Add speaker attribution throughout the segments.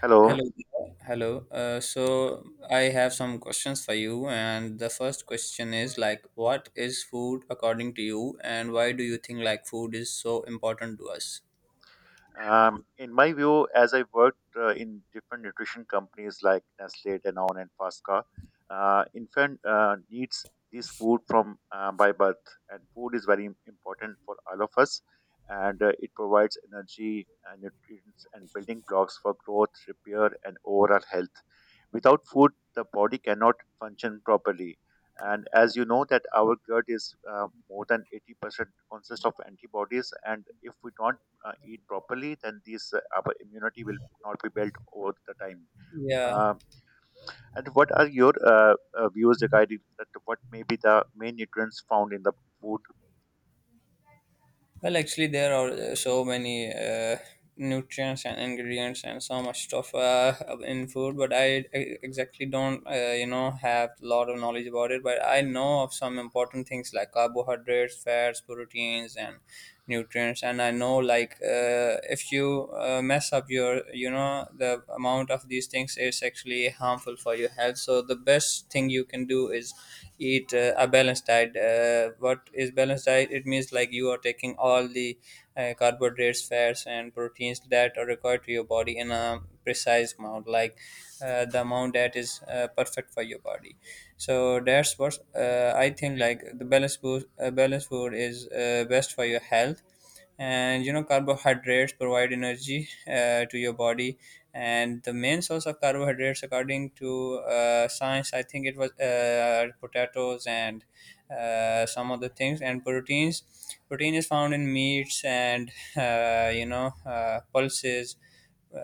Speaker 1: Hello.
Speaker 2: Hello, Deepa. Hello. I have some questions for you, and the first question is like, what is food according to you, and why do you think like food is so important to us?
Speaker 1: In my view, as I worked in different nutrition companies like Nestle, Danone, and Fasca, infant needs this food from by birth, and food is very important for all of us, and it provides energy, and nutrients, and building blocks for growth, repair, and overall health. Without food, the body cannot function properly. And as you know that our gut is more than 80% consists of antibodies, and if we don't eat properly, then this our immunity will not be built over the time.
Speaker 2: Yeah.
Speaker 1: Uh, and what are your views regarding that? What may be the main nutrients found in the food?
Speaker 2: Well, actually, there are so many nutrients and ingredients and so much stuff in food, but I exactly don't have a lot of knowledge about it. But I know of some important things like carbohydrates, fats, proteins, and nutrients. And I know, like, if you mess up your the amount of these things is actually harmful for your health. So the best thing you can do is eat a balanced diet. What is balanced diet? It means like you are taking all the carbohydrates, fats, and proteins that are required to your body in a precise amount, like the amount that is perfect for your body. So that's what I think, like the balanced food, balanced food is best for your health. And you know, carbohydrates provide energy to your body, and the main source of carbohydrates, according to science, I think it was potatoes and some other things. And protein is found in meats and you know, pulses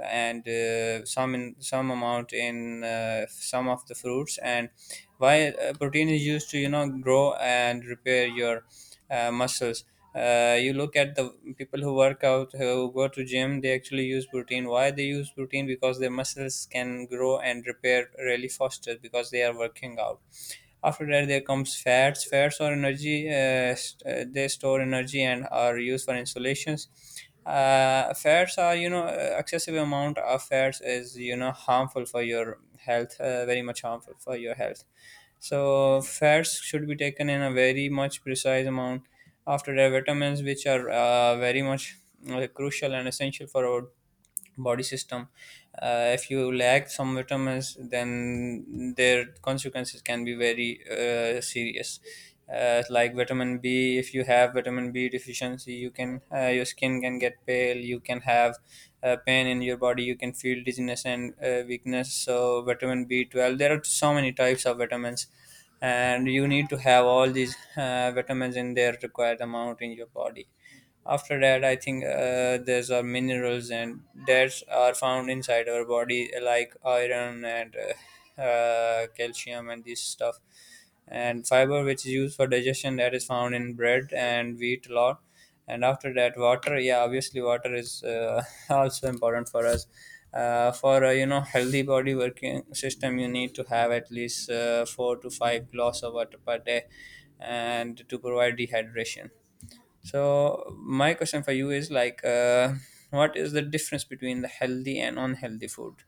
Speaker 2: and some, in some amount, in some of the fruits. And why protein is used to, you know, grow and repair your muscles. You look at the people who work out, who go to gym. They actually use protein. Why they use protein? Because their muscles can grow and repair really faster because they are working out. After that, there comes fats. Fats or energy. They store energy and are used for insulations. Fats are, you know, excessive amount of fats is, you know, harmful for your health. Very much harmful for your health. So fats should be taken in a very much precise amount. After that, vitamins, which are very much crucial and essential for our body system. If you lack some vitamins, then their consequences can be very serious. Like vitamin B, if you have vitamin B deficiency, you can, your skin can get pale. You can have pain in your body. You can feel dizziness and weakness. So vitamin B 12. There are so many types of vitamins, and you need to have all these vitamins in their required amount in your body. After that, I think there's are minerals and that are found inside our body, like iron and calcium and this stuff. And fiber, which is used for digestion, that is found in bread and wheat a lot. And after that, water. Yeah, obviously, water is also important for us. For a, you know, healthy body working system, you need to have at least 4 to 5 glass of water per day, and to provide dehydration. So my question for you is like, what is the difference between the healthy and unhealthy food?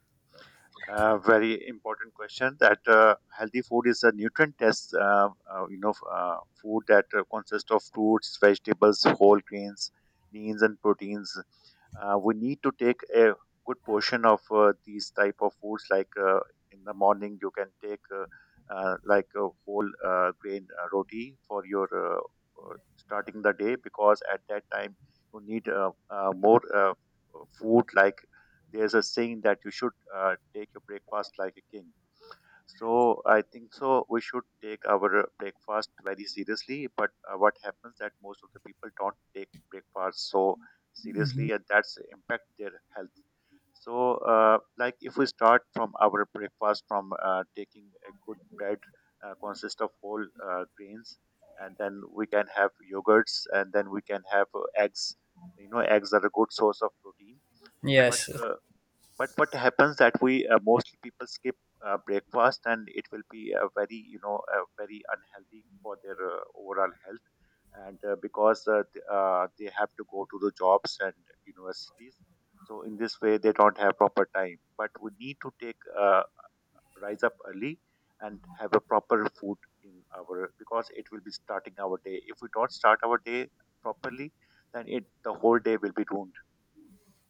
Speaker 1: Very important question. That Healthy food is a nutrient test. Food that consists of fruits, vegetables, whole grains, leans, and proteins we need to take a good portion of these type of foods like in the morning you can take like a whole grain roti for your starting the day because at that time you need more food like there's a saying that you should take your breakfast like a king, so I think so we should take our breakfast very seriously. But what happens that most of the people don't take breakfast so
Speaker 2: Mhm.
Speaker 1: seriously, and that's impact their health. So, like if we start from our breakfast from taking a good bread, consist of whole grains, and then we can have yogurts, and then we can have eggs. You know, eggs are a good source of protein. But
Speaker 2: Yes.
Speaker 1: uh, but what happens that we most people skip breakfast, and it will be a very you know a very unhealthy for their overall health, and they have to go to the jobs and universities. So in this way, they don't have proper time. But we need to take rise up early and have a proper food in our because it will be starting our day. If we don't start our day properly, then it the whole day will be ruined.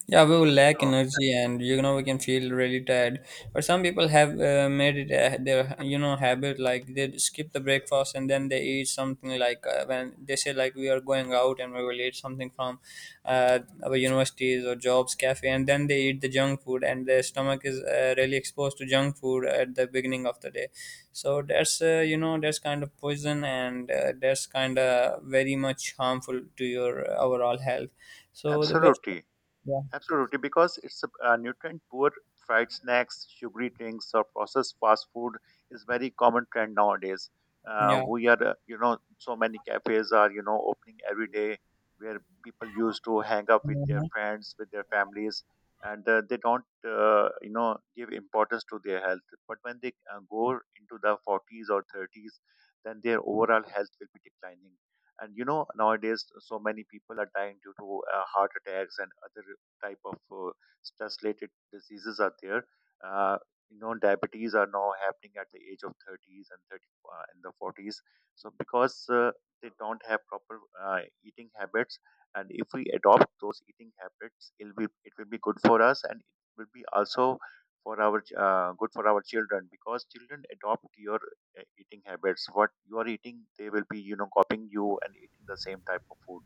Speaker 2: Yeah, we will lack
Speaker 1: So
Speaker 2: energy, and you know, we can feel really tired. But some people have made it their, you know, habit, like they skip the breakfast and then they eat something, like when they say like we are going out and we will eat something from uh, our universities or jobs cafe, and then they eat the junk food, and their stomach is really exposed to junk food at the beginning of the day. So that's, you know, that's kind of poison, and that's kind of very much harmful to your overall health. So the best.
Speaker 1: absolutely.
Speaker 2: Yeah.
Speaker 1: Absolutely, because it's a nutrient poor fried snacks, sugary drinks, or processed fast food is very common trend nowadays.
Speaker 2: Yeah,
Speaker 1: We are, you know, so many cafes are, you know, opening every day where people used to hang up with their friends, with their families, and they don't, you know, give importance to their health. But when they go into the 40s or 30s, then their overall health will be declining. And you know, nowadays, so many people are dying due to heart attacks and other type of stress related diseases are there, uh, you know diabetes are now happening at the age of 30s and 30 in the 40s, so because they don't have proper eating habits, and if we adopt those eating habits it will be good for us, and it will be also for our good for our children because children adopt your eating habits, what you are eating they will be you know copying you and eating the same type of food.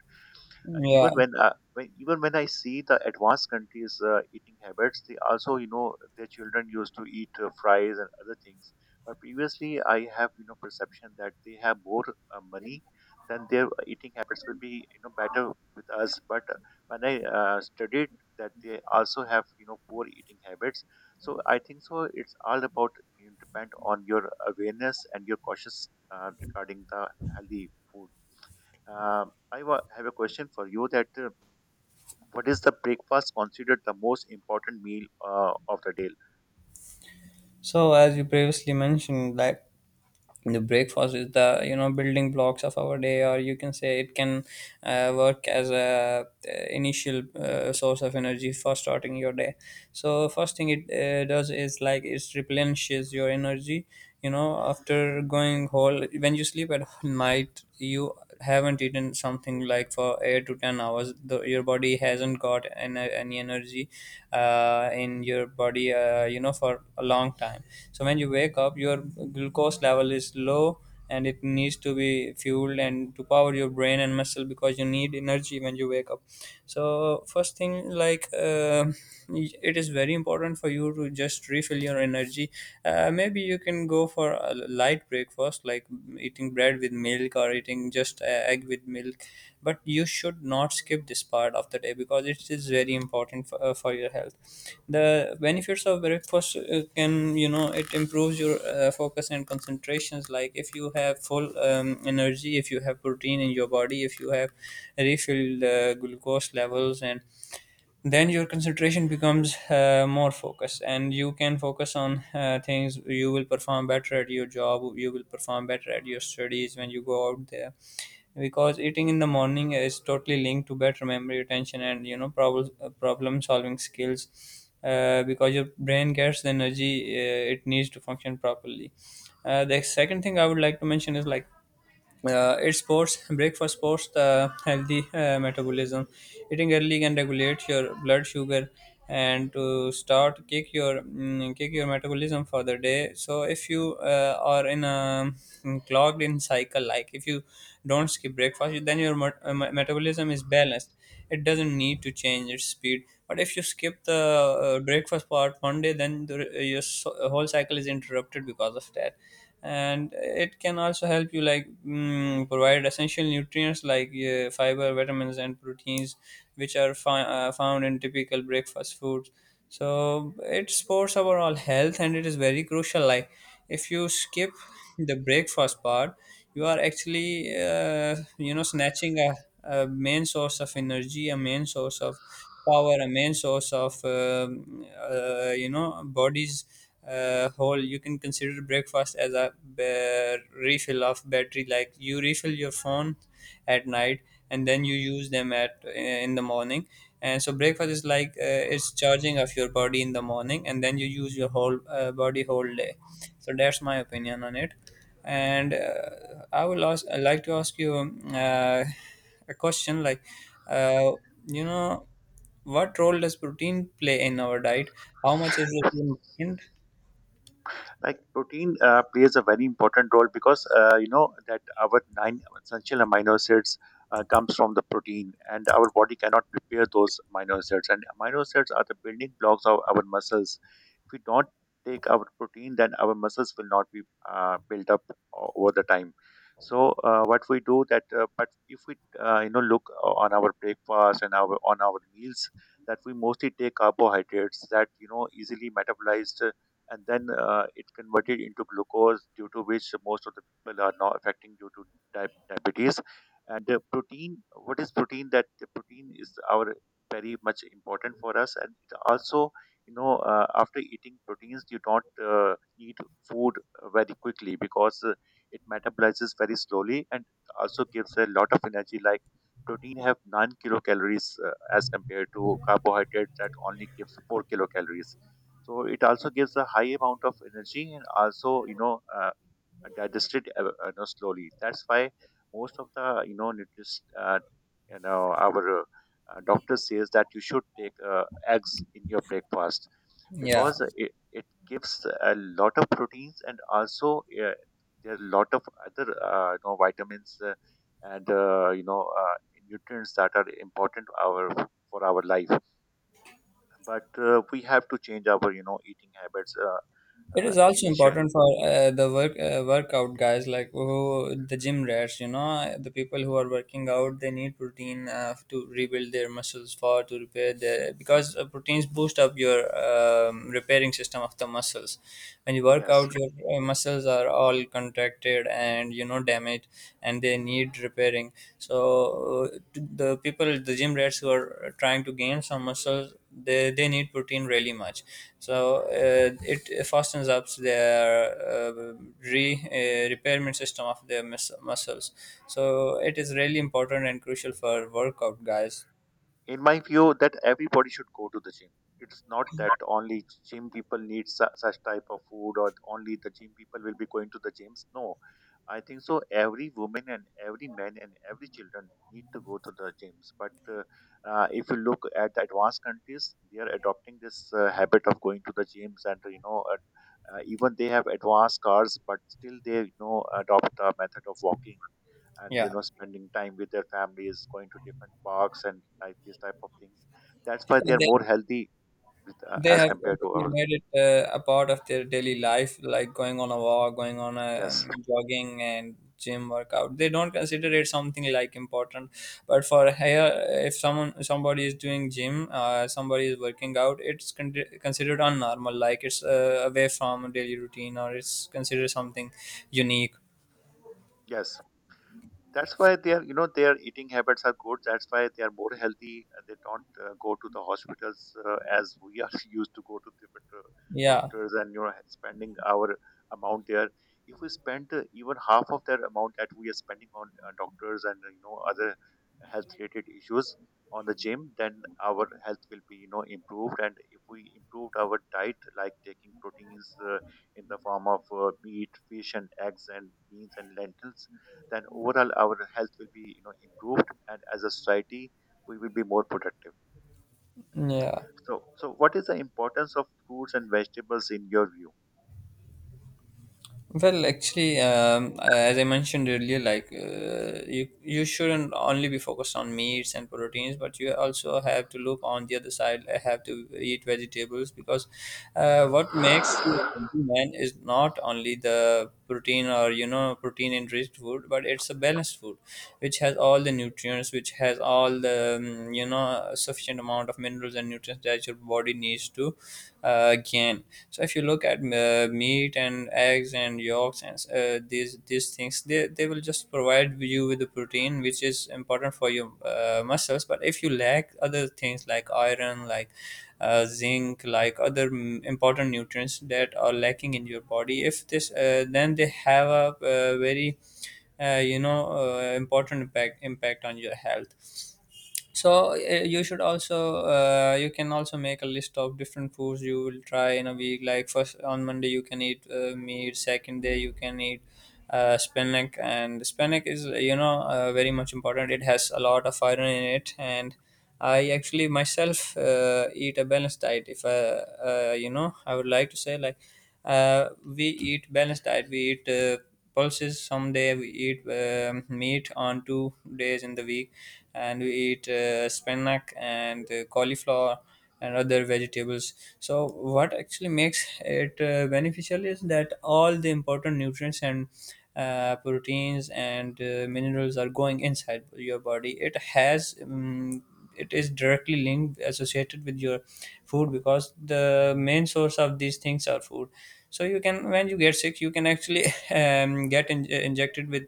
Speaker 1: uh,
Speaker 2: yeah.
Speaker 1: even when, uh, when even when I see the advanced countries' eating habits, they also you know their children used to eat fries and other things. But previously, I have you know perception that they have more money, then their eating habits will be you know better with us. But when I studied that they also have you know poor eating habits, so I think so. It's all about you know, depend on your awareness and your cautious regarding the healthy food. Uh, I have a question for you that what is the breakfast considered the most important meal of the day?
Speaker 2: So as you previously mentioned, that the breakfast is the, you know, building blocks of our day, or you can say it can work as a initial source of energy for starting your day. So first thing it does is like it replenishes your energy. You know, after going whole, when you sleep at night, you haven't eaten something like for 8 to 10 hours, your body hasn't got any energy in your body you know, for a long time. So when you wake up, your glucose level is low, and it needs to be fueled and to power your brain and muscle because you need energy when you wake up. So first thing, like it is very important for you to just refill your energy. Maybe you can go for a light breakfast, like eating bread with milk or eating just egg with milk. But you should not skip this part of the day because it is very important for your health. The benefits of breakfast can, you know, it improves your focus and concentrations. Like if you have full energy, if you have protein in your body, if you have refilled glucose levels, and then your concentration becomes more focused, and you can focus on things. You will perform better at your job, you will perform better at your studies when you go out there, because eating in the morning is totally linked to better memory retention and, you know, problem solving skills. Because your brain gets the energy it needs to function properly. The second thing I would like to mention is like it supports, breakfast supports the healthy metabolism. Eating early can regulate your blood sugar and to start kick your, kick your metabolism for the day. So if you are in a, clogged in cycle, like if you don't skip breakfast, then your metabolism is balanced. It doesn't need to change its speed. But if you skip the breakfast part one day, then your whole cycle is interrupted because of that. And it can also help you, like, provide essential nutrients like fiber, vitamins, and proteins, which are found in typical breakfast foods. So it supports overall health, and it is very crucial. Like if you skip the breakfast part, you are actually, you know, snatching a main source of energy, a main source of power, a main source of you know, body's whole. You can consider breakfast as a refill of battery, like you refill your phone at night and then you use them at in the morning. And so breakfast is like it's charging of your body in the morning, and then you use your whole body whole day. So that's my opinion on it. And I like to ask you, a question like, uh, you know, what role does protein play in our diet? How much is it important?
Speaker 1: Like protein plays a very important role because you know that our nine essential amino acids comes from the protein, and our body cannot prepare those amino acids, and amino acids are the building blocks of our muscles. If we don't take our protein, then our muscles will not be built up over the time. So what we do that, but if we you know look on our breakfast and our on our meals, that we mostly take carbohydrates that you know easily metabolized, and then it converted into glucose, due to which most of the people are now affecting due to diabetes. And protein, what is protein? That the protein is our very much important for us, and it also you know after eating proteins you don't need food very quickly because it metabolizes very slowly, and also gives a lot of energy like protein have 9 kilocalories as compared to carbohydrate that only gives 4 kilocalories, so it also gives a high amount of energy, and also you know digested you know, slowly. That's why most of the you know nutrition you know our doctor says that you should take eggs in your breakfast
Speaker 2: Yeah,
Speaker 1: because it gives a lot of proteins and also there are a lot of other you know, vitamins and you know nutrients that are important our for our life. But we have to change our you know eating habits.
Speaker 2: it
Speaker 1: Uh,
Speaker 2: is also
Speaker 1: immediate-
Speaker 2: important for the workout guys, like who, the gym rats, you know, the people who are working out. They need protein to rebuild their muscles, for to repair their, because proteins boost up your repairing system of the muscles. When you work
Speaker 1: yes,
Speaker 2: out, your muscles are all contracted and, you know, damaged, and they need repairing. So uh, the people, the gym rats who are trying to gain some muscle, they need protein really much. So it fastens up their uh, re repairment system of their muscles. So it is really important and crucial for workout guys.
Speaker 1: in my view that everybody should go to the gym. It's not that only gym people need such type of food, or only the gym people will be going to the gyms. No, I think so every woman and every man and every children need to go to the gyms. But if you look at the advanced countries, they are adopting this habit of going to the gyms, and you know even they have advanced cars but still they you know adopt a method of walking, and you know spending time with their families, going to different parks and like these type of things. That's why they are
Speaker 2: Yeah.
Speaker 1: more healthy with,
Speaker 2: They
Speaker 1: as
Speaker 2: have
Speaker 1: compared to
Speaker 2: actually
Speaker 1: our.
Speaker 2: made it a part of their daily life, like going on a walk, going on a
Speaker 1: Yes.
Speaker 2: jogging and gym workout. They don't consider it something like important, but for here, if someone somebody is doing gym, somebody is working out, it's considered unnormal, like it's away from daily routine, or it's considered something unique.
Speaker 1: Yes. That's why their, you know, their eating habits are good. That's why they are more healthy. And they don't go to the hospitals as we are used to go to different
Speaker 2: Yeah,
Speaker 1: doctors and you know spending our amount there. If we spend even half of their amount that we are spending on doctors and you know other health-related issues on the gym, then our health will be you know improved. And if we improved our diet, like taking proteins in the form of meat, fish, and eggs, and beans and lentils, then overall our health will be you know improved, and as a society we will be more productive.
Speaker 2: yeah.
Speaker 1: So so what is the importance of fruits and vegetables in your view?
Speaker 2: Well, actually, as I mentioned earlier, like you shouldn't only be focused on meats and proteins, but you also have to look on the other side. I have to eat vegetables because what makes you a healthy man is not only the protein, or you know, protein enriched food, but it's a balanced food, which has all the nutrients, which has all the you know, sufficient amount of minerals and nutrients that your body needs to gain. So if you look at meat and eggs and yolks and these things, they will just provide you with the protein, which is important for your muscles. But if you lack other things like iron, like zinc, like other, important nutrients that are lacking in your body. If this, then they have a uh, you know, important impact on your health. So you should also you can also make a list of different foods you will try in a week. Like first on Monday you can eat meat, second day you can eat spinach, and spinach is very much important. It has a lot of iron in it. And I actually myself eat a balanced diet. If I you know I would like to say, like, we eat balanced diet. We eat pulses someday, we eat meat on 2 days in the week, and we eat spinach and cauliflower and other vegetables. So what actually makes it beneficial is that all the important nutrients and proteins and minerals are going inside your body. It has it is directly linked, associated with your food, because the main source of these things are food. So you can, when you get sick, you can actually get injected with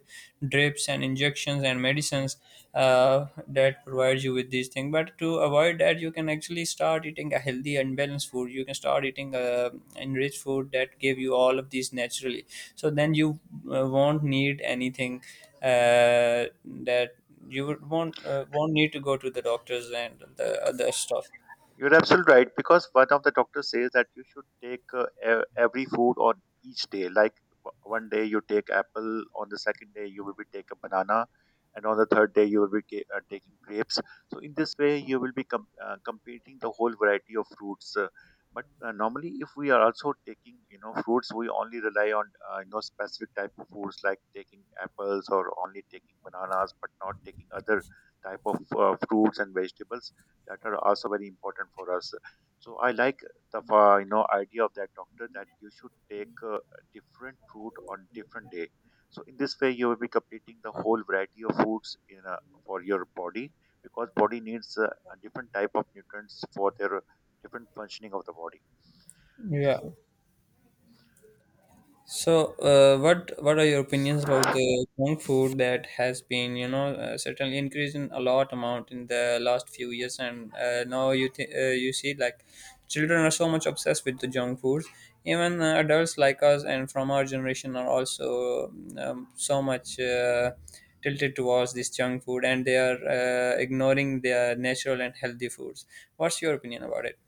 Speaker 2: drips and injections and medicines that provides you with these things. But to avoid that, you can actually start eating a healthy and balanced food. You can start eating enriched food that give you all of these naturally. So then you won't need anything that you would won't need to go to the doctors and the other stuff.
Speaker 1: You're absolutely right because one of the doctors says that you should take every food on each day. Like one day you take apple, on the second day you will be take a banana, and on the third day you will be taking grapes. So in this way you will be completing the whole variety of fruits. But Normally if we are also taking you know fruits, we only rely on you know specific type of fruits like taking apples or only taking bananas, but not taking other type of fruits and vegetables that are also very important for us. So I like the you know idea of that doctor that you should take a different route on different day. So in this way you will be completing the whole variety of foods in a, for your body, because body needs a different type of nutrients for their different functioning of the body.
Speaker 2: Yeah. So, what are your opinions about the junk food that has been, you know, certainly increasing a lot amount in the last few years? And now you see, like, children are so much obsessed with the junk foods. Even adults like us and from our generation are also so much tilted towards this junk food, and they are ignoring their natural and healthy foods. What's your opinion about it?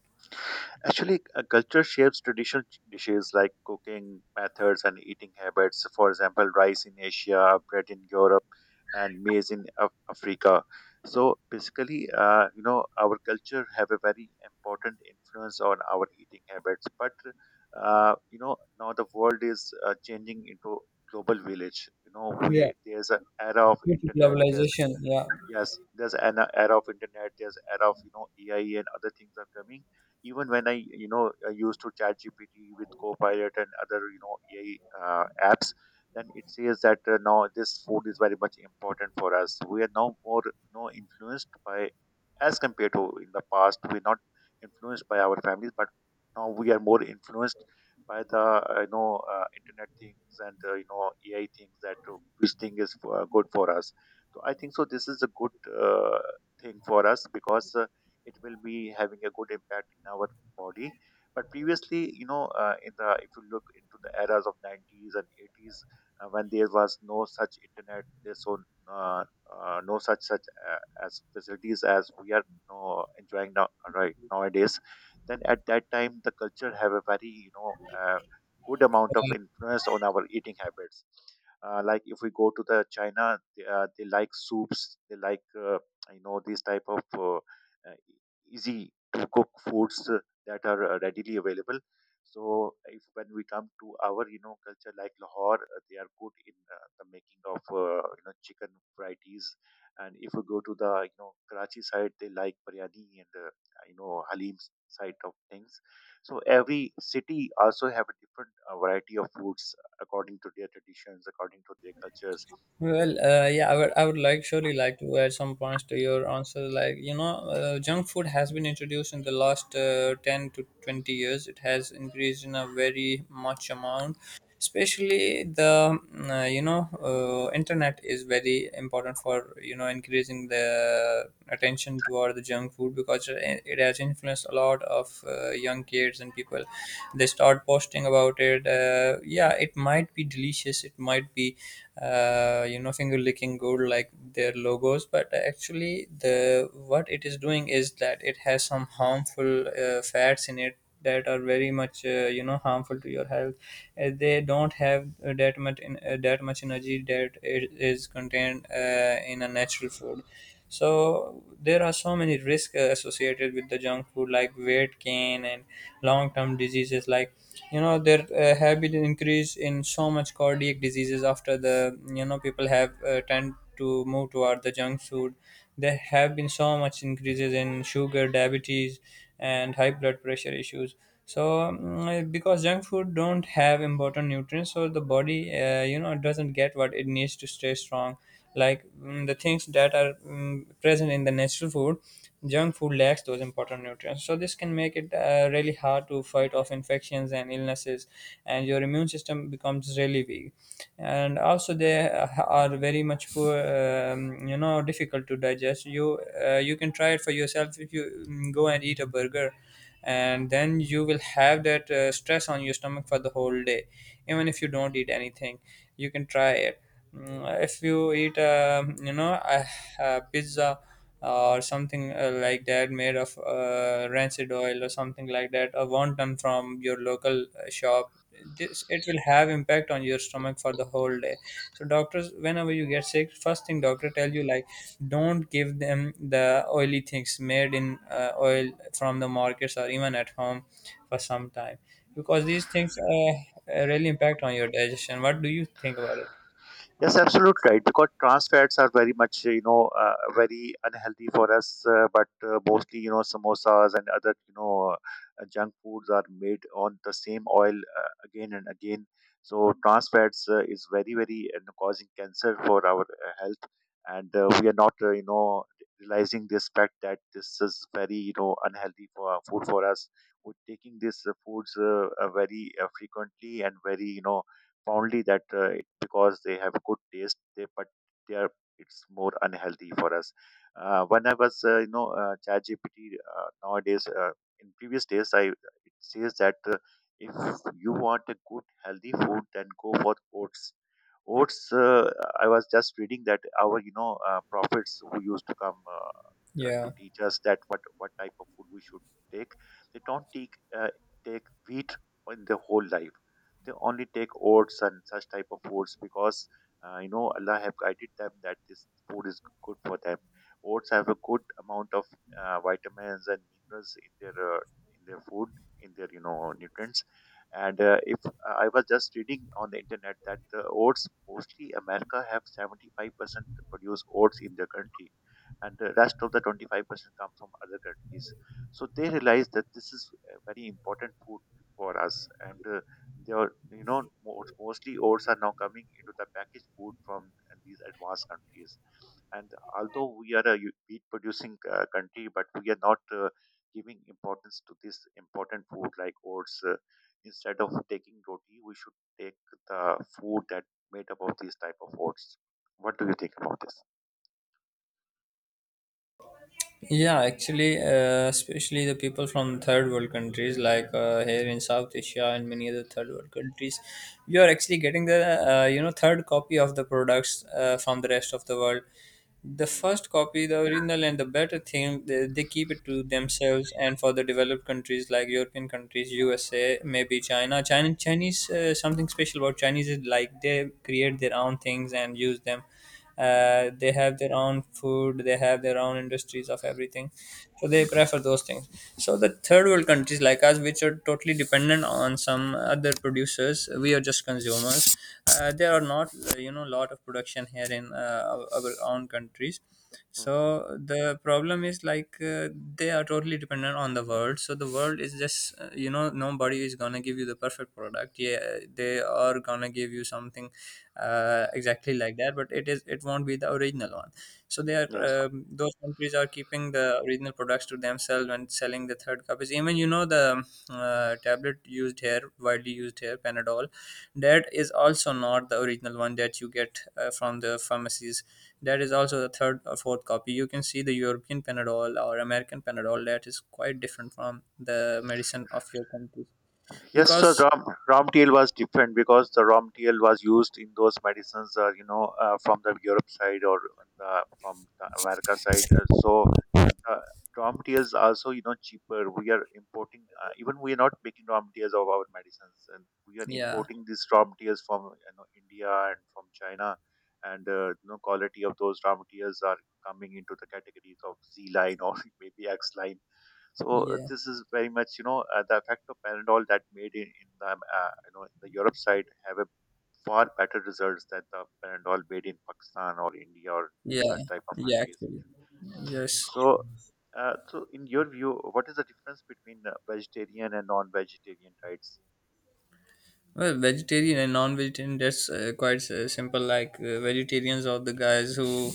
Speaker 1: Actually, culture shapes traditional dishes like cooking methods and eating habits. For example, rice in Asia, bread in Europe, and maize in Africa. So basically, you know, our culture have a very important influence on our eating habits. But you know, now the world is changing into global village. You know,
Speaker 2: Yeah.
Speaker 1: we there's an era of
Speaker 2: Due to
Speaker 1: internet. There's.
Speaker 2: globalization, yeah.
Speaker 1: Yes, there's an era of internet. There's era of you know AI and other things are coming. Even when I you know I used to chat GPT with Copilot and other you know AI apps, then it says that now this food is very much important for us. We are now more you know influenced by as compared to in the past. We're not influenced by our families, but now we are more influenced by the internet things and AI things that which thing is good for us. So I think so this is a good thing for us because it will be having a good impact in our body. But previously, in the if you look into the eras of 90s and 80s, when there was no such internet, there's so uh, no such as facilities as we are enjoying nowadays. Then at that time, the culture have a very good amount of influence on our eating habits, like if we go to the China, they like soups, they like these type of easy to cook foods that are readily available. So if when we come to our culture like Lahore, they are good in the making of chicken varieties. And if we go to the Karachi side, they like biryani and halim side of things. So every city also have a different variety of foods according to their traditions, according to their cultures.
Speaker 2: Well, yeah, I would like surely like to add some points to your answer. Like, you know, junk food has been introduced in the last 10 to 20 years. It has increased in a very much amount. Especially the internet is very important for, you know, increasing the attention toward the junk food, because it has influenced a lot of young kids and people. They start posting about it. Yeah, it might be delicious. It might be finger licking good like their logos, but actually the what it is doing is that it has some harmful fats in it that are very much harmful to your health. They don't have that much energy that it is contained in a natural food. So there are so many risks associated with the junk food, like weight gain and long-term diseases. Like, you know, there have been an increase in so much cardiac diseases after, the you know, people have tend to move toward the junk food. There have been so much increases in sugar diabetes and high blood pressure issues. So, mm, because junk food don't have important nutrients, so the body doesn't get what it needs to stay strong, like, mm, the things that are, mm, present in the natural food. Junk food lacks those important nutrients, so this can make it really hard to fight off infections and illnesses, and your immune system becomes really weak. And also they are very much poor, difficult to digest. You can try it for yourself. If you, mm, go and eat a burger, and then you will have that stress on your stomach for the whole day, even if you don't eat anything. You can try it. Mm, if you eat, a pizza or something like that made of rancid oil or something like that, a wonton from your local shop, this it will have impact on your stomach for the whole day. So doctors, whenever you get sick, first thing doctor tell you, like, don't give them the oily things made in oil from the markets or even at home, for some time, because these things really impact on your digestion. What do you think about it?
Speaker 1: Yes, absolute right. Because trans fats are very much, you know, very unhealthy for us. But mostly, you know, samosas and other, you know, junk foods are made on the same oil again and again. So trans fats is very, very causing cancer for our health, and we are not, realizing this fact that this is very, you know, unhealthy for food for us. We're taking these foods very frequently and very, you know, only that because they have good taste, they but they are, it's more unhealthy for us. When I was ChatGPT nowadays, in previous days, I it says that if you want a good healthy food, then go for oats. Oats, I was just reading that our, you know, prophets who used to come
Speaker 2: Yeah.
Speaker 1: to teach us that what type of food we should take, they don't take uh, take wheat in their whole life. They only take oats and such type of foods because Allah have guided them that this food is good for them. Oats have a good amount of vitamins and minerals in their food, in their nutrients. And if I was just reading on the internet that the oats, mostly America have 75% produce oats in their country, and the rest of the 25% come from other countries. So they realize that this is a very important food for us, and they are, you know, mostly oats are now coming into the packaged food from these advanced countries. And although we are wheat producing country, but we are not giving importance to this important food like oats. Instead of taking roti we should take the food that made up of these type of oats. What do you think about this?
Speaker 2: Yeah, actually, especially the people from third world countries, like here in South Asia and many other third world countries, you are actually getting the third copy of the products from the rest of the world. The
Speaker 1: Mm,
Speaker 2: first copy, the original and the better thing, they keep it to themselves. And for the developed countries like European countries, USA, maybe China, Chinese, something special about Chinese is like they create their own things and use them.
Speaker 1: mm,
Speaker 2: They have their own food, they have their own industries of everything. So they prefer those things. So the third world countries like us, which are totally dependent on some other producers, we are just consumers. Uh, there are not, lot of production here in our own countries. So
Speaker 1: mm.
Speaker 2: the problem is, like, they are totally dependent on the world. So the world is just, nobody is gonna give you the perfect product. Yeah, they are gonna give you something exactly like that, but it is it won't be the original one. So they are,
Speaker 1: Yes.
Speaker 2: those countries are keeping the original products to themselves and selling the third copies. Even, you know, the tablet used here, widely used here, Panadol, that is also not the original one that you get from the pharmacies. That is also the third or fourth copy. You can see the European Panadol or American Panadol, that is quite different from the medicine of your country,
Speaker 1: Yes, sir.
Speaker 2: because
Speaker 1: Ramtl was different because the Ramtl was used in those medicines, from the Europe side or on the, from the America side. So the Ramtl is also, you know, cheaper. We are importing, even we are not making Ramtls of our medicines, and we are
Speaker 2: yeah,
Speaker 1: importing these Ramtls from India and from China, and you know, quality of those Ramtls are coming into the categories of Z line or maybe X line. So
Speaker 2: yeah,
Speaker 1: this is very much, you know, the effect of Panadol that made in the, you know, the Europe side have a far better results than the Panadol made in Pakistan or India or
Speaker 2: yeah,
Speaker 1: such type of
Speaker 2: yeah.
Speaker 1: countries.
Speaker 2: Actually, yes.
Speaker 1: So, so in your view, what is the difference between vegetarian and non-vegetarian diets?
Speaker 2: Well, vegetarian and non-vegetarian, that's quite simple. Like, vegetarians are the guys who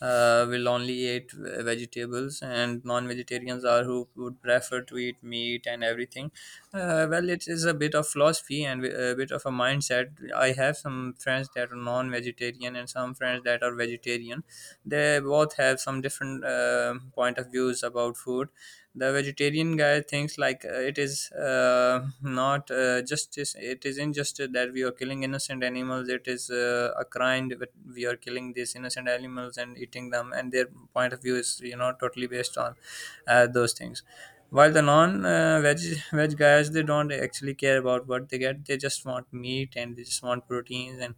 Speaker 2: will only eat vegetables, and non-vegetarians are who would prefer to eat meat and everything. Well, it is a bit of philosophy and a bit of a mindset. I have some friends that are non-vegetarian and some friends that are vegetarian. They both have some different point of views about food. The vegetarian guy thinks, like, it is not justice, it is injustice, that we are killing innocent animals. It is a crime that we are killing these innocent animals and eating them, and their point of view is, you know, totally based on those things. While the non veg veg guys, they don't actually care about what they get. They just want meat and they just want proteins and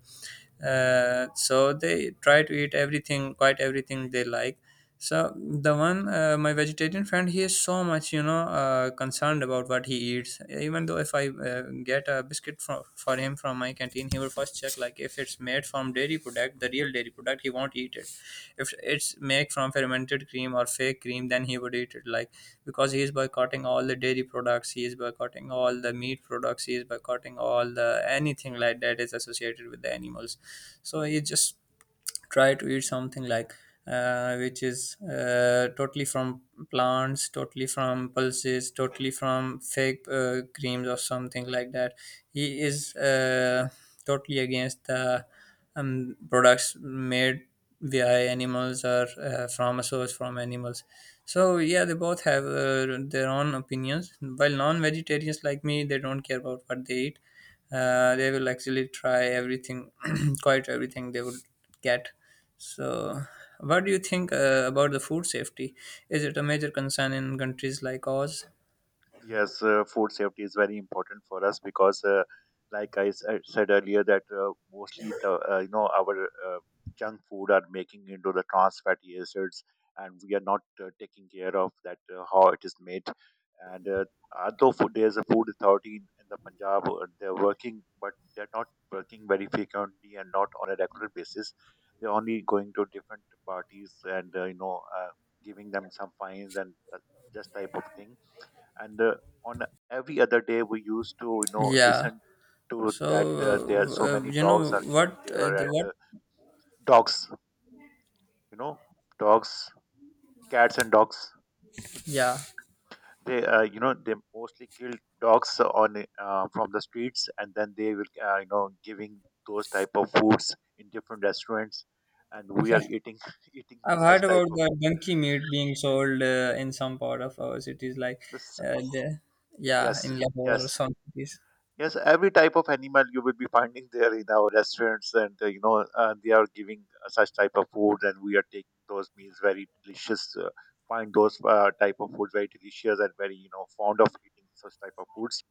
Speaker 2: so they try to eat everything, quite everything they like. So the one, my vegetarian friend, he is so much, you know, concerned about what he eats. Even though if I get a biscuit for him from my canteen, he will first check, like, if it's made from dairy product, the real dairy product, he won't eat it. If it's made from fermented cream or fake cream, then he would eat it. Like, because he is boycotting all the dairy products, he is boycotting all the meat products, he is boycotting all the anything like that is associated with the animals. So you just try to eat something like which is totally from plants, totally from pulses, totally from fake creams or something like that. He is totally against the products made via animals or from a source from animals. So yeah, they both have their own opinions. While non-vegetarians like me, they don't care about what they eat. Uh, they will actually try everything quite everything they would get. So, what do you think about the food safety? Is it a major concern in countries like ours?
Speaker 1: Yes, food safety is very important for us because, like I said earlier, that mostly the our junk food are making into the trans fatty acids, and we are not taking care of that how it is made. And although food, there is a food authority in the Punjab, they're working, but they're not working very frequently and not on a regular basis. They're only going to different parties and giving them some fines and just type of thing. And on every other day we used to
Speaker 2: Yeah.
Speaker 1: listen to
Speaker 2: So,
Speaker 1: that there are
Speaker 2: uh,
Speaker 1: so
Speaker 2: uh,
Speaker 1: many
Speaker 2: you
Speaker 1: dogs
Speaker 2: know
Speaker 1: are killed
Speaker 2: what?
Speaker 1: there,
Speaker 2: The,
Speaker 1: and
Speaker 2: what?
Speaker 1: dogs, you know, dogs, cats and dogs,
Speaker 2: Yeah.
Speaker 1: they they mostly kill dogs on from the streets, and then they will giving those type of foods in different restaurants, and we
Speaker 2: Yeah,
Speaker 1: are eating eating
Speaker 2: I've
Speaker 1: such
Speaker 2: heard
Speaker 1: type
Speaker 2: about
Speaker 1: of
Speaker 2: the donkey meat being sold in some part of our cities, like,
Speaker 1: this.
Speaker 2: the yeah,
Speaker 1: Yes,
Speaker 2: in Lahore or
Speaker 1: yes.
Speaker 2: some cities.
Speaker 1: Yes, every type of animal you will be finding there in our restaurants, and they are giving such type of food, and we are taking those meals very delicious. Find those type of food very delicious and very fond of eating such type of foods.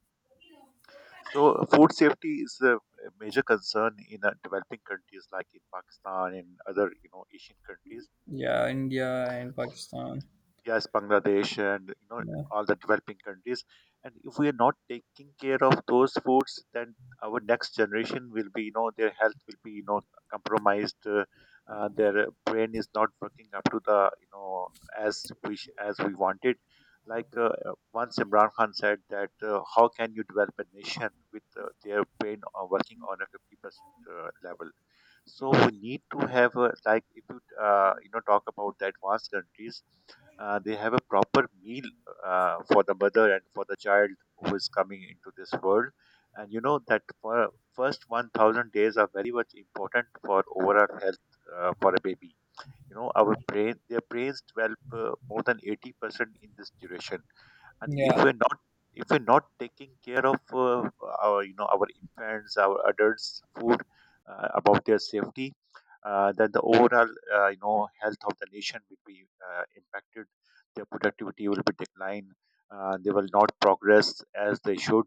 Speaker 1: So food safety is a major concern in developing countries like in Pakistan and other Asian countries.
Speaker 2: Yeah, India and Pakistan.
Speaker 1: Yes, Bangladesh and you know
Speaker 2: Yeah,
Speaker 1: all the developing countries. And if we are not taking care of those foods then our next generation will be, you know, their health will be, you know, compromised. Their brain is not working up to the as wish as we wanted, like once Imran Khan said that how can you develop a nation with their brain working on a 50% level. So we need to have a, like if you you know talk about the advanced countries, they have a proper meal for the mother and for the child who is coming into this world. And you know that for first 1000 days are very much important for overall health for a baby. You know, their brains develop more than 80% in this duration. And if
Speaker 2: yeah,
Speaker 1: we're not, taking care of our, you know, our infants our adults food, about their safety, then the overall health of the nation will be impacted. Their productivity will be declined. They will not progress as they should.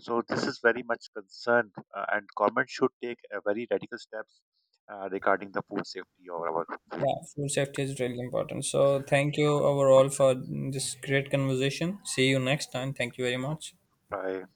Speaker 1: So this is very much concerned, and government should take a very radical steps regarding the food safety of our.
Speaker 2: yeah. Food safety is really important. So, thank you overall for this great conversation. See you next time. Thank you very much.
Speaker 1: By.